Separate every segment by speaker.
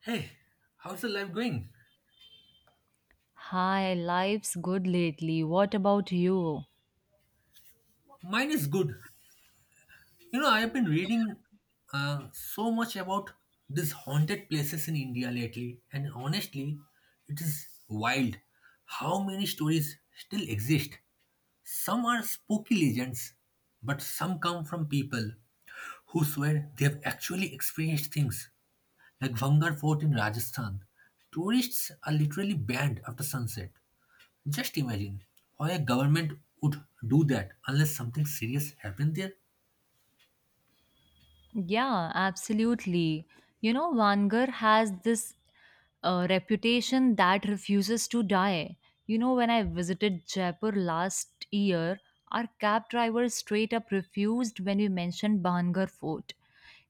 Speaker 1: Hey, how's your life going?
Speaker 2: Hi, life's good lately. What about you?
Speaker 1: Mine is good. You know, I have been reading so much about these haunted places in India lately, and honestly, it is wild how many stories still exist. Some are spooky legends, but some come from people who swear they have actually experienced things, like Vangar Fort in Rajasthan. Tourists are literally banned after sunset. Just imagine why a government would do that unless something serious happened there.
Speaker 2: Yeah, absolutely. You know, Vanger has this reputation that refuses to die. You know, when I visited Jaipur last year, our cab driver straight up refused when we mentioned Bangar Fort.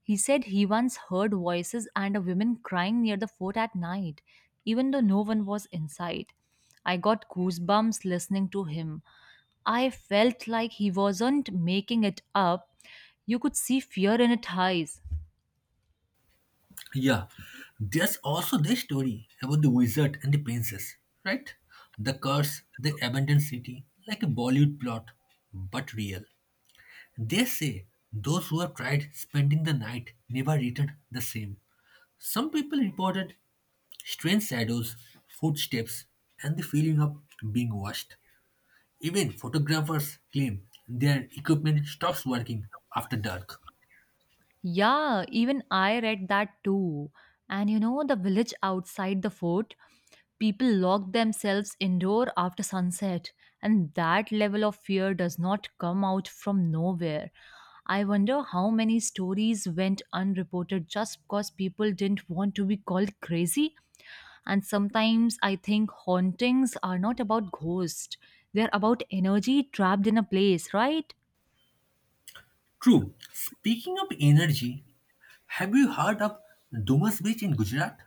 Speaker 2: He said he once heard voices and a woman crying near the fort at night, even though no one was inside. I got goosebumps listening to him. I felt like he wasn't making it up. You could see fear in his eyes.
Speaker 1: Yeah, there's also the story about the wizard and the princess, right? The curse, the abandoned city, like a Bollywood plot, but real. They say those who have tried spending the night never returned the same. Some people reported strange shadows, footsteps, and the feeling of being watched. Even photographers claim their equipment stops working after dark.
Speaker 2: Yeah, even I read that too. And you know, the village outside the fort, people lock themselves indoor after sunset, and that level of fear does not come out from nowhere. I wonder how many stories went unreported just because people didn't want to be called crazy. And sometimes I think hauntings are not about ghosts, they're about energy trapped in a place, right?
Speaker 1: True. Speaking of energy, have you heard of Dumas Beach in Gujarat?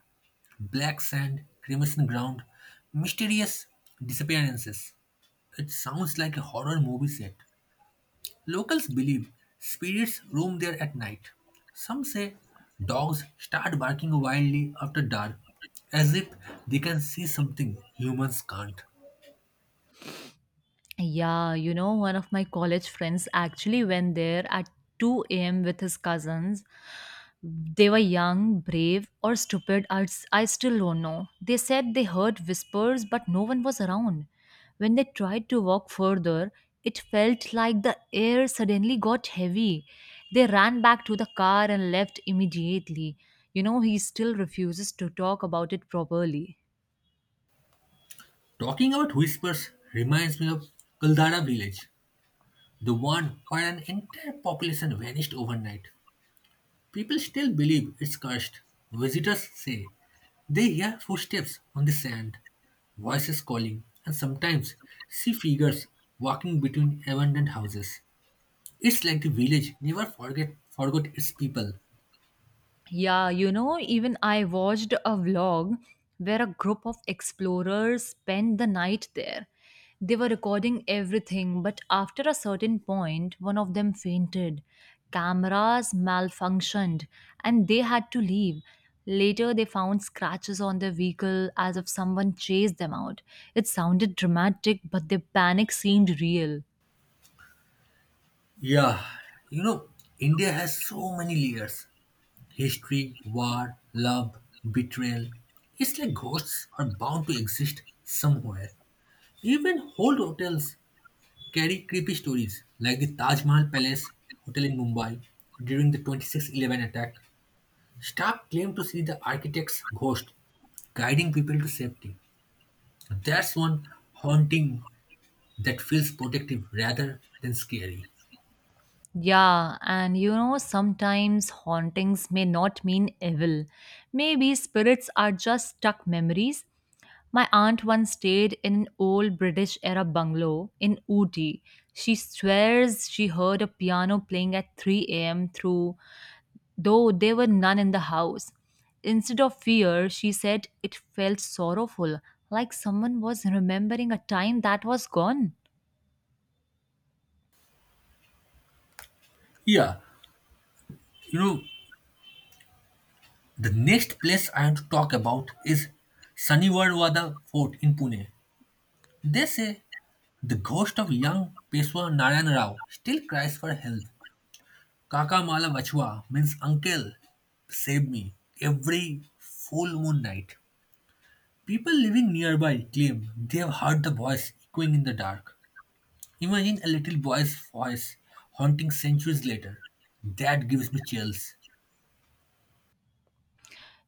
Speaker 1: Black sand, crimson ground, mysterious disappearances. It sounds like a horror movie set. Locals believe spirits roam there at night. Some say dogs start barking wildly after dark, as if they can see something humans can't.
Speaker 2: Yeah, you know, one of my college friends actually went there at 2 a.m. with his cousins. They were young, brave, or stupid. I still don't know. They said they heard whispers, but no one was around. When they tried to walk further, it felt like the air suddenly got heavy. They ran back to the car and left immediately. You know, he still refuses to talk about it properly.
Speaker 1: Talking about whispers reminds me of Kuldara village, the one where an entire population vanished overnight. People still believe it's cursed. Visitors say they hear footsteps on the sand, voices calling, and sometimes see figures walking between abandoned houses. It's like the village never forget forgot its people.
Speaker 2: Yeah, you know, even I watched a vlog where a group of explorers spent the night there. They were recording everything, but after a certain point, one of them fainted. Cameras malfunctioned and they had to leave. Later, they found scratches on their vehicle as if someone chased them out. It sounded dramatic, but their panic seemed real.
Speaker 1: Yeah, you know, India has so many layers. History, war, love, betrayal. It's like ghosts are bound to exist somewhere. Even old hotels carry creepy stories, like the Taj Mahal Palace Hotel in Mumbai during the 26/11 attack. Staff claimed to see the architect's ghost guiding people to safety. That's one haunting that feels protective rather than scary.
Speaker 2: Yeah, and you know, sometimes hauntings may not mean evil. Maybe spirits are just stuck memories. My aunt once stayed in an old British era bungalow in Ooty. She swears she heard a piano playing at 3 a.m. through, though there were none in the house. Instead of fear, she said it felt sorrowful, like someone was remembering a time that was gone.
Speaker 1: Yeah, you know, the next place I want to talk about is Saniwarwada Fort in Pune. They say the ghost of young Peshwa Narayan Rao still cries for help. Kaka Mala Vachua means uncle, save me, every full moon night. People living nearby claim they have heard the voice echoing in the dark. Imagine a little boy's voice haunting centuries later. That gives me chills.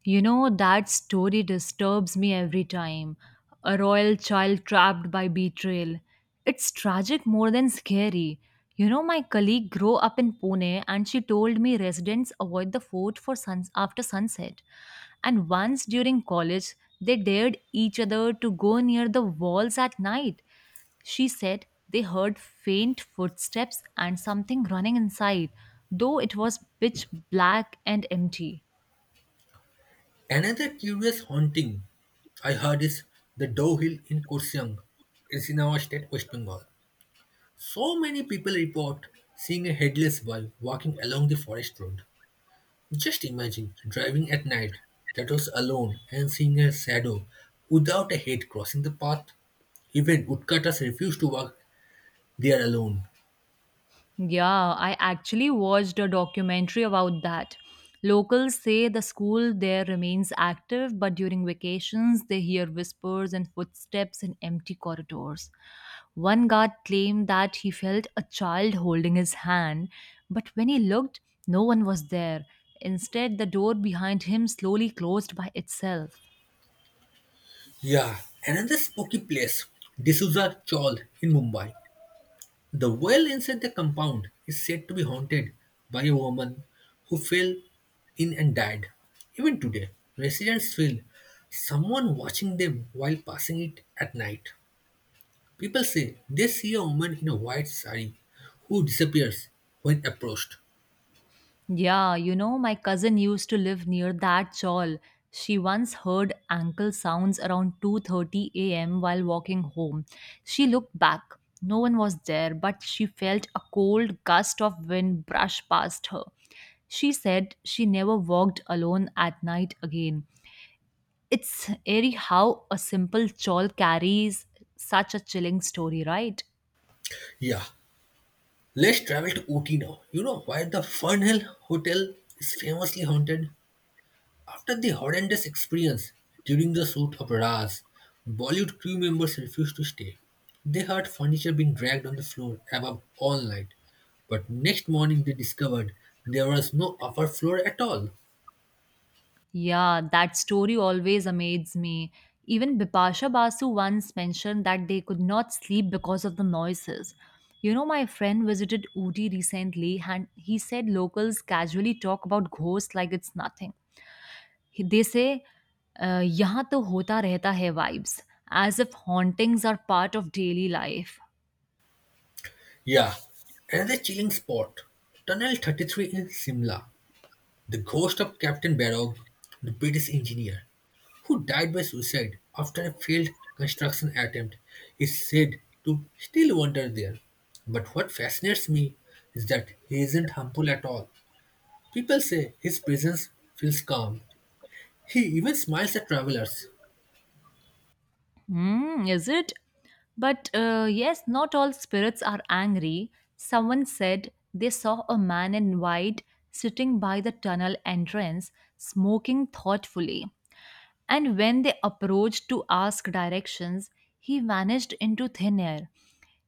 Speaker 2: You know, that story disturbs me every time. A royal child trapped by betrayal. It's tragic more than scary. You know, my colleague grew up in Pune and she told me residents avoid the fort for suns after sunset. And once during college, they dared each other to go near the walls at night. She said they heard faint footsteps and something running inside, though it was pitch black and empty.
Speaker 1: Another curious haunting I heard is the Doe Hill in Kursiang. It's in our state, West Bengal. So many people report seeing a headless bull walking along the forest road. Just imagine driving at night, that was alone, and seeing a shadow without a head crossing the path. Even woodcutters refuse to walk there alone.
Speaker 2: Yeah, I actually watched a documentary about that. Locals say the school there remains active, but during vacations they hear whispers and footsteps in empty corridors. One guard claimed that he felt a child holding his hand, but when he looked, no one was there. Instead, the door behind him slowly closed by itself.
Speaker 1: Yeah, another spooky place, D'Souza Chawl in Mumbai. The well inside the compound is said to be haunted by a woman who fell in and died. Even today, residents feel someone watching them while passing it at night. People say they see a woman in a white sari who disappears when approached.
Speaker 2: Yeah, you know, my cousin used to live near that chawl. She once heard ankle sounds around 2:30 a.m. while walking home. She looked back. No one was there, but she felt a cold gust of wind brush past her. She said she never walked alone at night again. It's eerie how a simple chawl carries such a chilling story, right?
Speaker 1: Yeah, let's travel to Ooty now. You know why the Fernhill Hotel is famously haunted? After the horrendous experience during the shoot of Raj, Bollywood crew members refused to stay. They heard furniture being dragged on the floor above all night. But next morning they discovered there was no upper floor at all.
Speaker 2: Yeah, that story always amazes me. Even Bipasha Basu once mentioned that they could not sleep because of the noises. You know, my friend visited Ooty recently and he said locals casually talk about ghosts like it's nothing. They say, Yahan to hota rehta hai vibes, as if hauntings are part of daily life.
Speaker 1: Yeah, another chilling spot. Tunnel 33 in Simla. The ghost of Captain Barog, the British engineer, who died by suicide after a failed construction attempt, is said to still wander there. But what fascinates me is that he isn't harmful at all. People say his presence feels calm. He even smiles at travelers.
Speaker 2: Mm, is it? But yes, not all spirits are angry. Someone said they saw a man in white sitting by the tunnel entrance, smoking thoughtfully. And when they approached to ask directions, he vanished into thin air.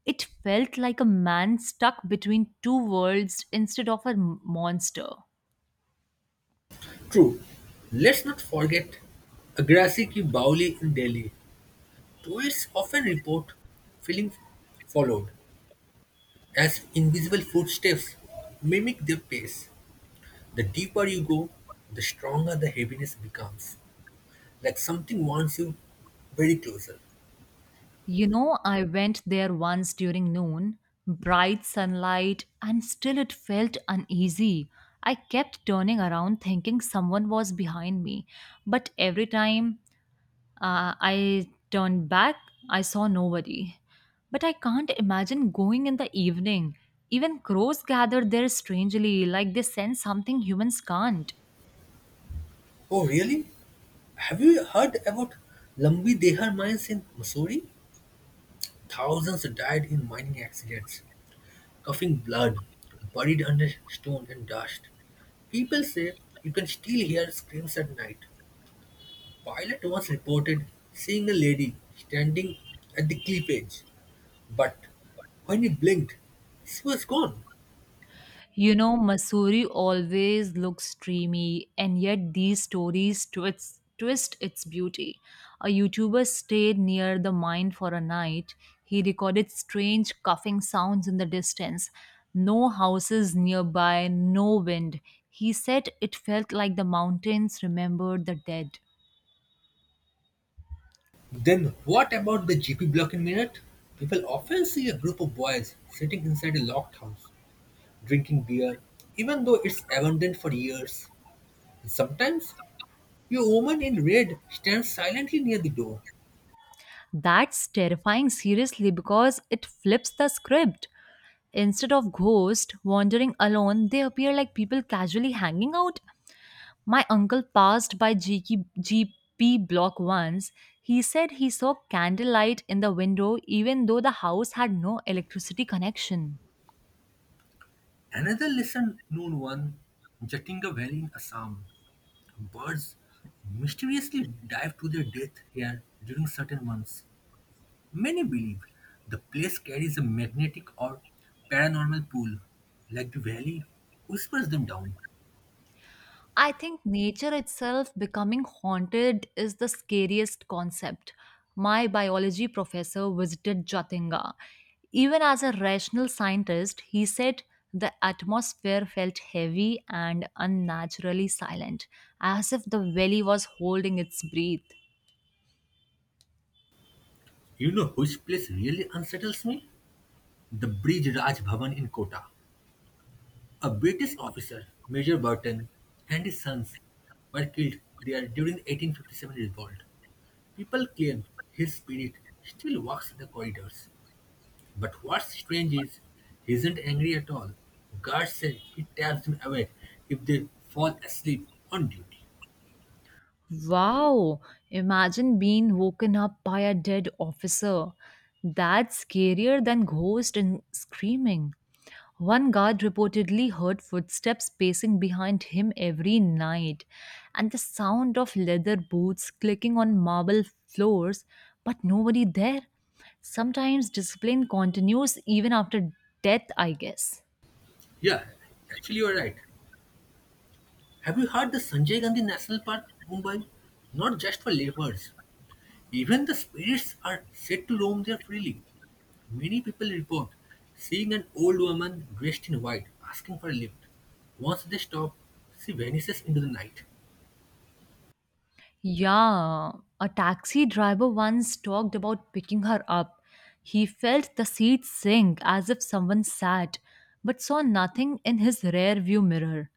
Speaker 2: It felt like a man stuck between two worlds instead of a monster.
Speaker 1: True, let's not forget Agrasi Ki Bauli in Delhi. Tourists often report feeling followed as invisible footsteps mimic their pace. The deeper you go, the stronger the heaviness becomes. Like something wants you very closer.
Speaker 2: You know, I went there once during noon, bright sunlight, and still it felt uneasy. I kept turning around thinking someone was behind me, but every time I turned back, I saw nobody. But I can't imagine going in the evening. Even crows gather there strangely, like they sense something humans can't.
Speaker 1: Oh, really? Have you heard about Lambi Dehar mines in Missouri? Thousands died in mining accidents, coughing blood, buried under stone and dust. People say you can still hear screams at night. Pilot once reported seeing a lady standing at the cliff edge, but when he blinked, she was gone.
Speaker 2: You know, Masuri always looks dreamy, and yet these stories twist its beauty. A YouTuber stayed near the mine for a night. He recorded strange coughing sounds in the distance. No houses nearby, no wind. He said it felt like the mountains remembered the dead.
Speaker 1: Then what about the GP block in Minot? People often see a group of boys sitting inside a locked house, drinking beer, even though it's abandoned for years. And sometimes a woman in red stands silently near the door.
Speaker 2: That's terrifying, seriously, because it flips the script. Instead of ghosts wandering alone, they appear like people casually hanging out. My uncle passed by GK GP block once. He said he saw candlelight in the window even though the house had no electricity connection.
Speaker 1: Another lesson known one, Jatinga Valley in Assam. Birds mysteriously dive to their death here during certain months. Many believe the place carries a magnetic or paranormal pull, like the valley whispers them down.
Speaker 2: I think nature itself becoming haunted is the scariest concept. My biology professor visited Jatinga. Even as a rational scientist, he said the atmosphere felt heavy and unnaturally silent, as if the valley was holding its breath.
Speaker 1: You know which place really unsettles me? The Brij Raj Bhavan in Kota. A British officer, Major Burton, and his sons were killed there during the 1857 revolt. People claim his spirit still walks the corridors. But what's strange is he isn't angry at all. Guards say he taps them awake if they fall asleep on duty.
Speaker 2: Wow, imagine being woken up by a dead officer. That's scarier than ghosts and screaming. One guard reportedly heard footsteps pacing behind him every night, and the sound of leather boots clicking on marble floors, but nobody there. Sometimes discipline continues even after death, I guess.
Speaker 1: Yeah, actually you're right. Have you heard the Sanjay Gandhi National Park, Mumbai? Not just for leopards, even the spirits are said to roam there freely. Many people report seeing an old woman dressed in white asking for a lift. Once they stop, she vanishes into the night.
Speaker 2: Yeah, a taxi driver once talked about picking her up. He felt the seat sink as if someone sat, but saw nothing in his rear view mirror.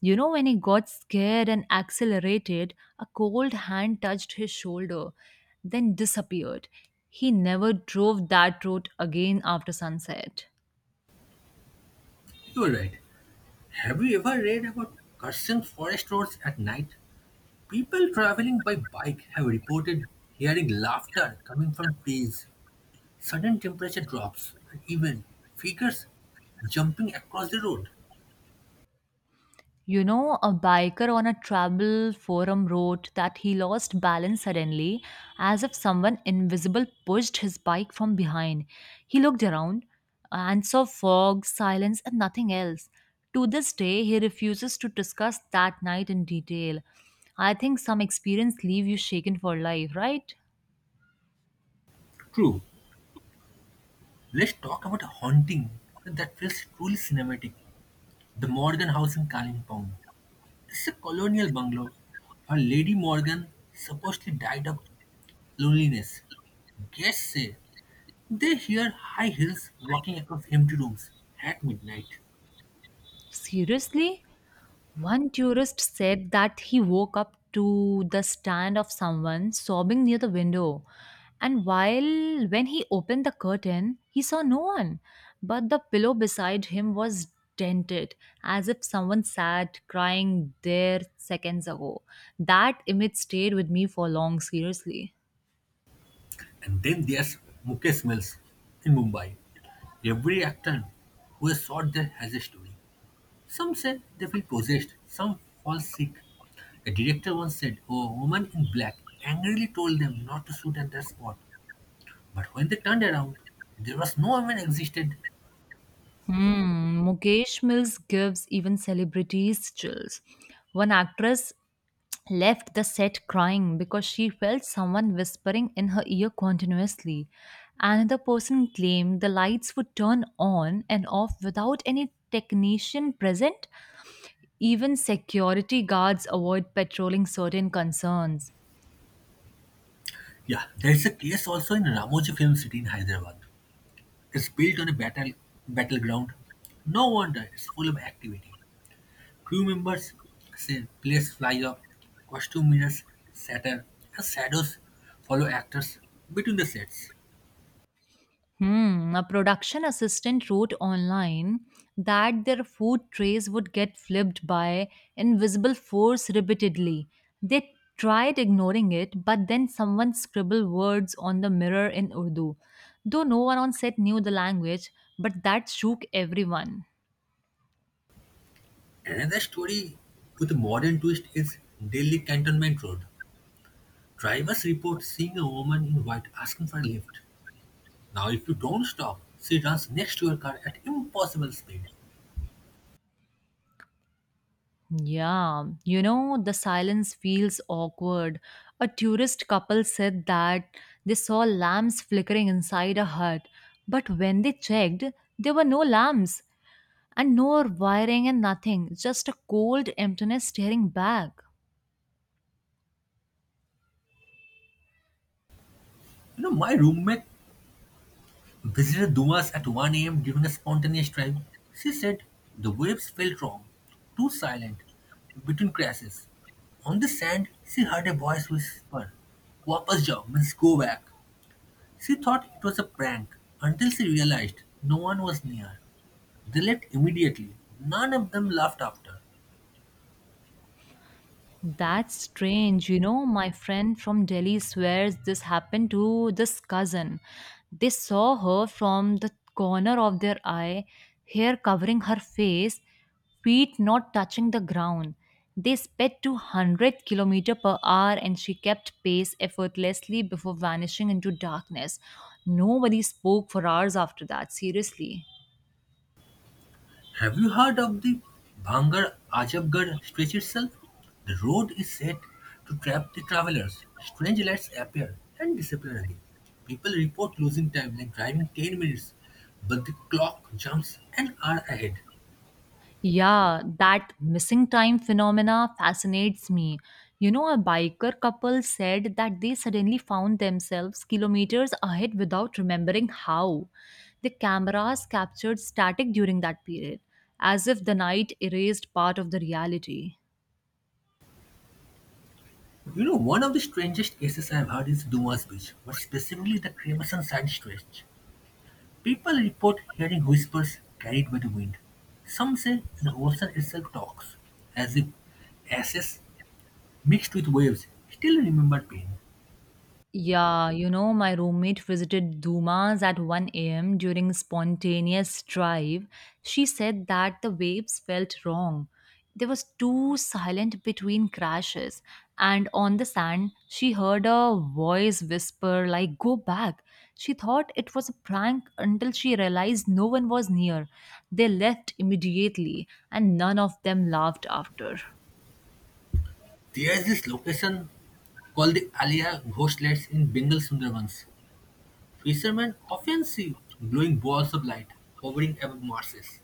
Speaker 2: You know, when he got scared and accelerated, a cold hand touched his shoulder, then disappeared. He never drove that road again after sunset.
Speaker 1: You're right. Have you ever read about cursing forest roads at night? People traveling by bike have reported hearing laughter coming from trees, sudden temperature drops, and even figures jumping across the road.
Speaker 2: You know, a biker on a travel forum wrote that he lost balance suddenly, as if someone invisible pushed his bike from behind. He looked around and saw fog, silence, and nothing else. To this day, he refuses to discuss that night in detail. I think some experience leave you shaken for life, right?
Speaker 1: True. Let's talk about a haunting that feels truly cinematic. The Morgan house in Kalimpong is a colonial bungalow where Lady Morgan supposedly died of loneliness. Guests say they hear high heels walking across empty rooms at midnight.
Speaker 2: Seriously? One tourist said that he woke up to the stand of someone sobbing near the window. And while when he opened the curtain, he saw no one, but the pillow beside him was dented as if someone sat crying there seconds ago. That image stayed with me for long, seriously.
Speaker 1: And then there's Mukesh Mills in Mumbai. Every actor who has shot there has a story. Some say they feel possessed, some fall sick. A director once said a woman in black angrily told them not to shoot at that spot. But when they turned around, there was no woman existed.
Speaker 2: Hmm, Mukesh Mills gives even celebrities chills. One actress left the set crying because she felt someone whispering in her ear continuously. Another person claimed the lights would turn on and off without any technician present. Even security guards avoid patrolling certain concerns.
Speaker 1: Yeah, there is a case also in Ramoji Film City in Hyderabad. It's built on a battleground. No wonder it's full of activity. Crew members say planes fly up, costume mirrors shatter, and shadows follow actors between the sets.
Speaker 2: Hmm, a production assistant wrote online that their food trays would get flipped by invisible force repeatedly. They tried ignoring it, but then someone scribbled words on the mirror in Urdu. Though no one on set knew the language, but that shook everyone.
Speaker 1: Another story with a modern twist is Delhi Cantonment Road. Drivers report seeing a woman in white asking for a lift. Now, if you don't stop, she runs next to your car at impossible speed.
Speaker 2: Yeah, you know, the silence feels awkward. A tourist couple said that they saw lamps flickering inside a hut, but when they checked, there were no lamps and no wiring and nothing, just a cold emptiness staring back.
Speaker 1: You know, my roommate visited Dumas at 1 a.m. during a spontaneous drive. She said the waves felt wrong, too silent, between crashes. On the sand, she heard a voice whisper, Wapas jao means go back. She thought it was a prank until she realized no one was near. They left immediately. None of them laughed after.
Speaker 2: That's strange. You know, my friend from Delhi swears this happened to this cousin. They saw her from the corner of their eye, hair covering her face, feet not touching the ground. They sped to 100 km per hour and she kept pace effortlessly before vanishing into darkness. Nobody spoke for hours after that, seriously.
Speaker 1: Have you heard of the Bhangar Ajabgarh stretch itself? The road is said to trap the travelers. Strange lights appear and disappear again. People report losing time like driving 10 minutes, but the clock jumps an hour ahead.
Speaker 2: Yeah, that missing time phenomena fascinates me. You know, a biker couple said that they suddenly found themselves kilometers ahead without remembering how. The cameras captured static during that period, as if the night erased part of the reality.
Speaker 1: You know, one of the strangest cases I've heard is Dumas Beach, but specifically the Cremerson Sand Stretch. People report hearing whispers carried by the wind. Some say the ocean itself talks, as if ashes mixed with waves still remember pain.
Speaker 2: Yeah, you know, my roommate visited Dumas at 1 a.m. during spontaneous drive. She said that the waves felt wrong. There was too silent between crashes, and on the sand, she heard a voice whisper like "Go back." She thought it was a prank until she realized no one was near. They left immediately, and none of them laughed after.
Speaker 1: There's this location called the Alia Ghost Lights in Bengal Sundarbans. Fishermen often see glowing balls of light hovering above marshes.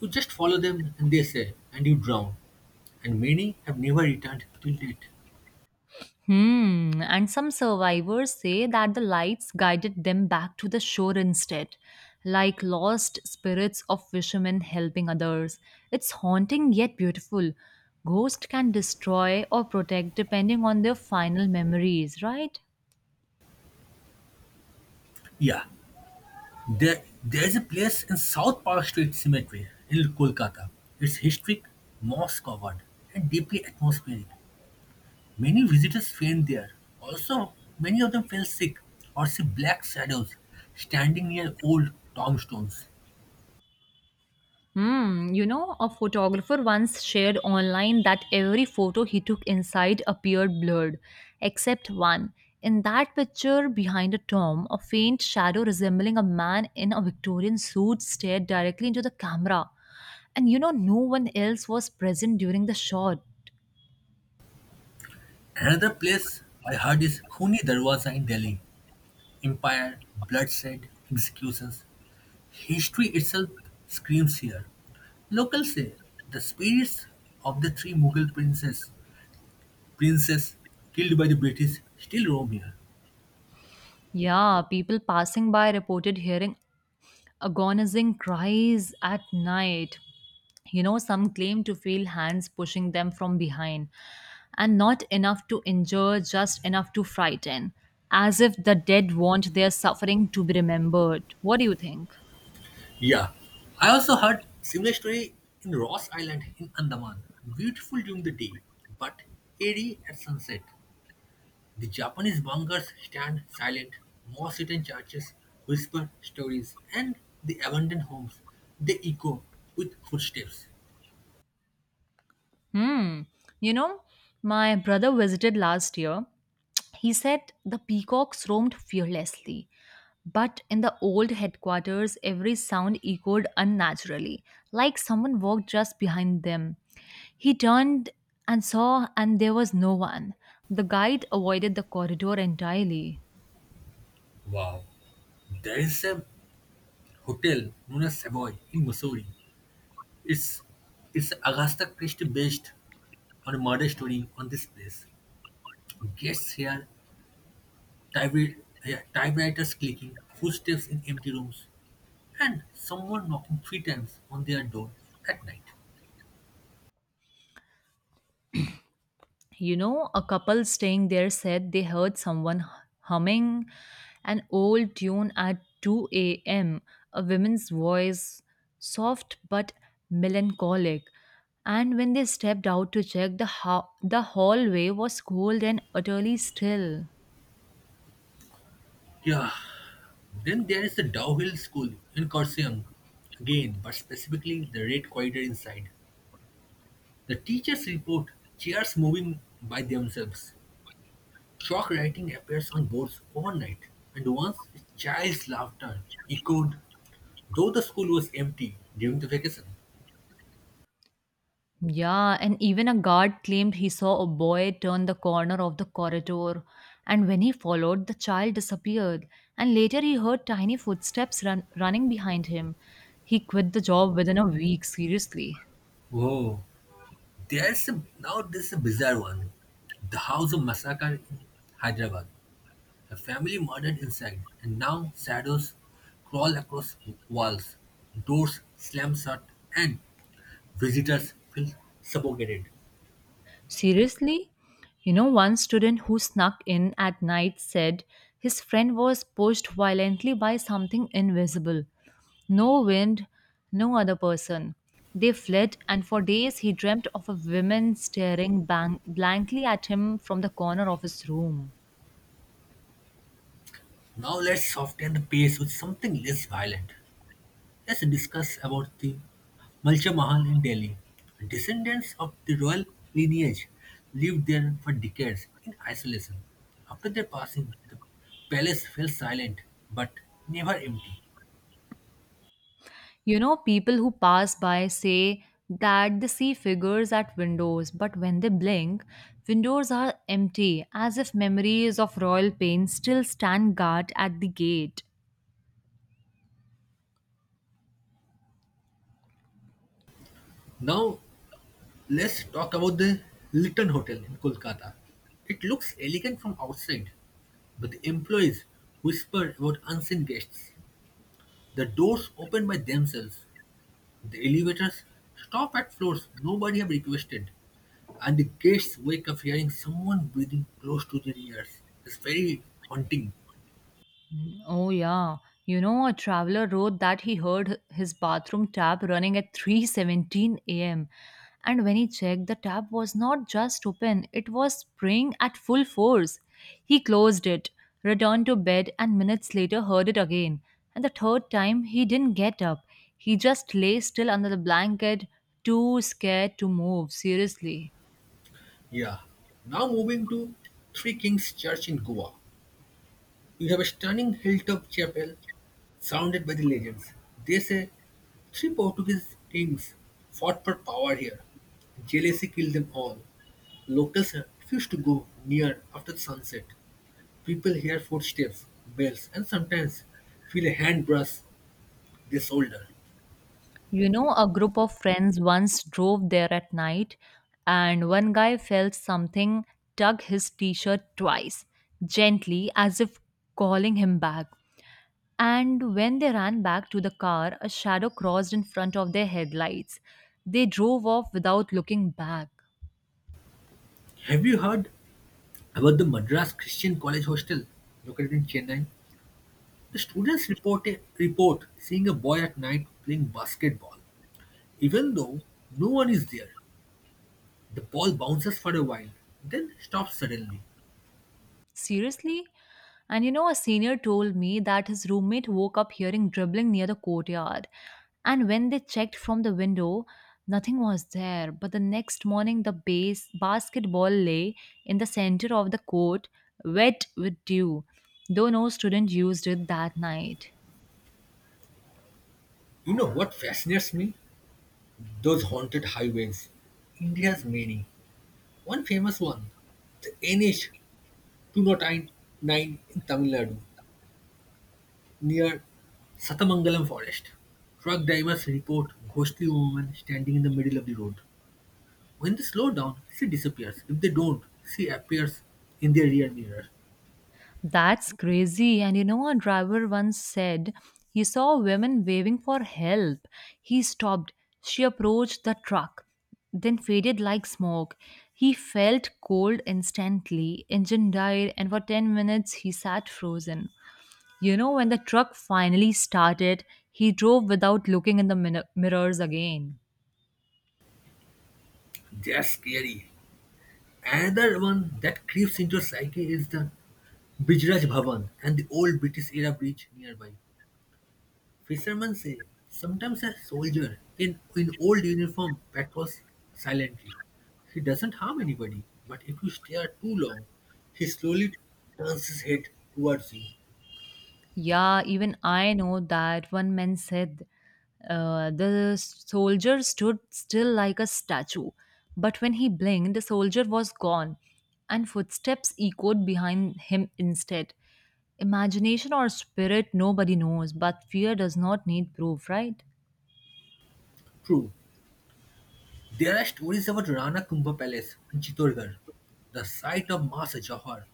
Speaker 1: You just follow them and they say, and you drown. And many have never returned till date.
Speaker 2: Hmm. And some survivors say that the lights guided them back to the shore instead, like lost spirits of fishermen helping others. It's haunting yet beautiful. Ghosts can destroy or protect depending on their final memories, right?
Speaker 1: Yeah, there's a place in South Park Street Cemetery in Kolkata. It's historic, moss covered, and deeply atmospheric. Many visitors faint there. Also, many of them fell sick or see black shadows standing near old tombstones.
Speaker 2: Hmm, you know, a photographer once shared online that every photo he took inside appeared blurred, except one. In that picture behind a tomb, a faint shadow resembling a man in a Victorian suit stared directly into the camera. And you know, no one else was present during the shot.
Speaker 1: Another place I heard is Khuni Darwaza in Delhi. Empire, bloodshed, executions. History itself screams here. Locals say the spirits of the three Mughal princes killed by the British still roam here.
Speaker 2: Yeah, people passing by reported hearing agonizing cries at night. You know, some claim to feel hands pushing them from behind, and not enough to injure, just enough to frighten, as if the dead want their suffering to be remembered. What do you think?
Speaker 1: Yeah. I also heard similar story in Ross Island in Andaman. Beautiful during the day, but eerie at sunset. The Japanese bunkers stand silent, moss-eaten churches whisper stories, and the abandoned homes, they echo with footsteps.
Speaker 2: Hmm. You know, my brother visited last year. He said the peacocks roamed fearlessly, but in the old headquarters, every sound echoed unnaturally, like someone walked just behind them. He turned and saw, and there was no one. The guide avoided the corridor entirely.
Speaker 1: Wow. There is a hotel known as Savoy in Missouri. It's it's Augusta Christie based on a murder story on this place. Guests here typewri- yeah, typewriters clicking, footsteps in empty rooms, and someone knocking three times on their door at night.
Speaker 2: You know, a couple staying there said they heard someone humming an old tune at 2 a.m., a woman's voice, soft but melancholic. And when they stepped out to check, the hallway was cold and utterly still.
Speaker 1: Yeah. Then there is the Dow Hill School in Kaohsiung. Again, but specifically the red corridor inside. The teachers report chairs moving by themselves. Chalk writing appears on boards overnight, and once a child's laughter echoed, though the school was empty during the vacation.
Speaker 2: Yeah, and even a guard claimed he saw a boy turn the corner of the corridor, and when he followed, the child disappeared, and later he heard tiny footsteps running behind him. He quit the job within a week, seriously.
Speaker 1: Whoa, there's a, now this is a bizarre one. The house of massacre in Hyderabad. A family murdered inside, and now shadows crawl across walls, doors slam shut, and visitors feel suffocated.
Speaker 2: Seriously? You know, one student who snuck in at night said his friend was pushed violently by something invisible. No wind, no other person. They fled, and for days he dreamt of a woman staring blankly at him from the corner of his room.
Speaker 1: Now let's soften the pace with something less violent. Let's discuss about the Malcha Mahal in Delhi. Descendants of the royal lineage lived there for decades in isolation. After their passing, the palace fell silent but never empty.
Speaker 2: You know, people who pass by say that they see figures at windows, but when they blink, windows are empty, as if memories of royal pain still stand guard at the gate.
Speaker 1: Now, let's talk about the Litton Hotel in Kolkata. It looks elegant from outside, but the employees whisper about unseen guests. The doors open by themselves, the elevators stop at floors nobody have requested, and the guests wake up hearing someone breathing close to their ears. It's very haunting.
Speaker 2: Oh, yeah. You know, a traveler wrote that he heard his bathroom tap running at 3:17 a.m. And when he checked, the tap was not just open, it was spraying at full force. He closed it, returned to bed, and minutes later heard it again. And the third time, he didn't get up. He just lay still under the blanket, too scared to move, seriously.
Speaker 1: Yeah. Now moving to Three Kings Church in Goa. You have a stunning hilltop chapel surrounded by the legends. They say three Portuguese kings fought for power here. Jealousy killed them all. Locals refused to go near after sunset. People hear footsteps, bells, and sometimes feel a hand brush their shoulder.
Speaker 2: You know, a group of friends once drove there at night, and one guy felt something tug his t shirt twice, gently, as if calling him back. And when they ran back to the car, a shadow crossed in front of their headlights. They drove off without looking back.
Speaker 1: Have you heard about the Madras Christian College hostel located in Chennai? The students report seeing a boy at night playing basketball. Even though no one is there, the ball bounces for a while, then stops suddenly.
Speaker 2: Seriously? And you know, a senior told me that his roommate woke up hearing dribbling near the courtyard. And when they checked from the window, nothing was there. But the next morning, the base basketball lay in the center of the court, wet with dew, though no student used it that night.
Speaker 1: You know what fascinates me? Those haunted highways. India has many. One famous one, the NH 209 in Tamil Nadu near Satamangalam forest, truck drivers report ghostly woman standing in the middle of the road. When they slow down, she disappears. If they don't, she appears in their rear mirror.
Speaker 2: That's crazy. And you know, a driver once said he saw women waving for help. He stopped. She approached the truck, then faded like smoke. He felt cold instantly. Engine died, and for 10 minutes he sat frozen. You know, when the truck finally started, he drove without looking in the mirrors again.
Speaker 1: That's scary. Another one that creeps into your psyche is the Bijraj Bhavan and the old British era bridge nearby. Fishermen say sometimes a soldier in old uniform patrols silently. He doesn't harm anybody, but if you stare too long, he slowly turns his head towards you.
Speaker 2: Yeah, even I know that one man said the soldier stood still like a statue, but when he blinked, the soldier was gone, and footsteps echoed behind him instead. Imagination or spirit, nobody knows, but fear does not need proof, right?
Speaker 1: True, there are stories about Rana Kumbha Palace in Chittorgarh, the site of Masa Johar,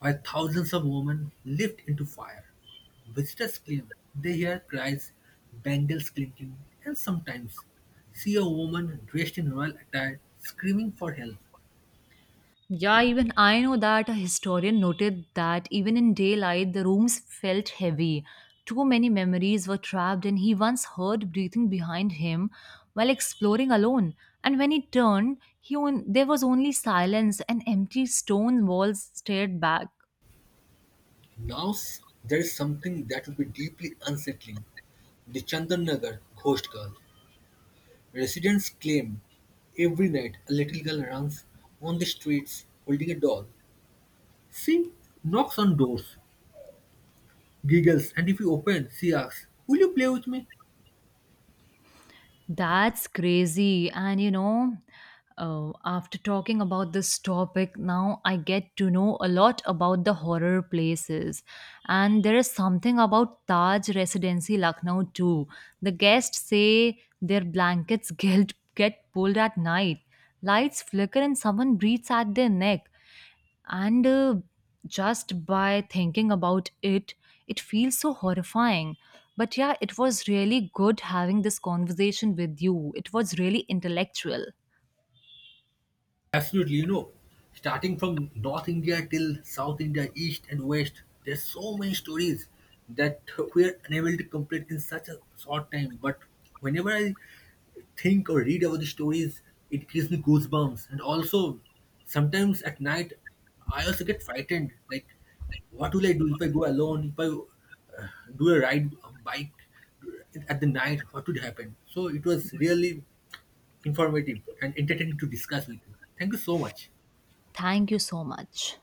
Speaker 1: where thousands of women leaped into fire. Visitors claim they hear cries, bangles clinking, and sometimes see a woman dressed in royal attire screaming for help.
Speaker 2: Yeah, even I know that a historian noted that even in daylight, the rooms felt heavy. Too many memories were trapped, and he once heard breathing behind him while exploring alone. And when he turned, there was only silence and empty stone walls stared back.
Speaker 1: There is something that would be deeply unsettling: the Chandanagar ghost girl. Residents claim every night a little girl runs on the streets holding a doll. She knocks on doors, giggles, and if you open, she asks, Will you play with me?
Speaker 2: That's crazy. And you know, after talking about this topic, now I get to know a lot about the horror places. And there is something about Taj Residency Lucknow too. The guests say their blankets get pulled at night, lights flicker, and someone breathes at their neck and just by thinking about it, it feels so horrifying. But yeah, it was really good having this conversation with you. It was really intellectual.
Speaker 1: Absolutely, you know. Starting from North India till South India, East and West, there's so many stories that we're unable to complete in such a short time. But whenever I think or read about the stories, it gives me goosebumps. And also, sometimes at night, I also get frightened. Like, what will I do if I go alone? If I uh, do a ride a bike at the night, what would happen? So it was really informative and entertaining to discuss with you. Thank you so much.
Speaker 2: Thank you so much.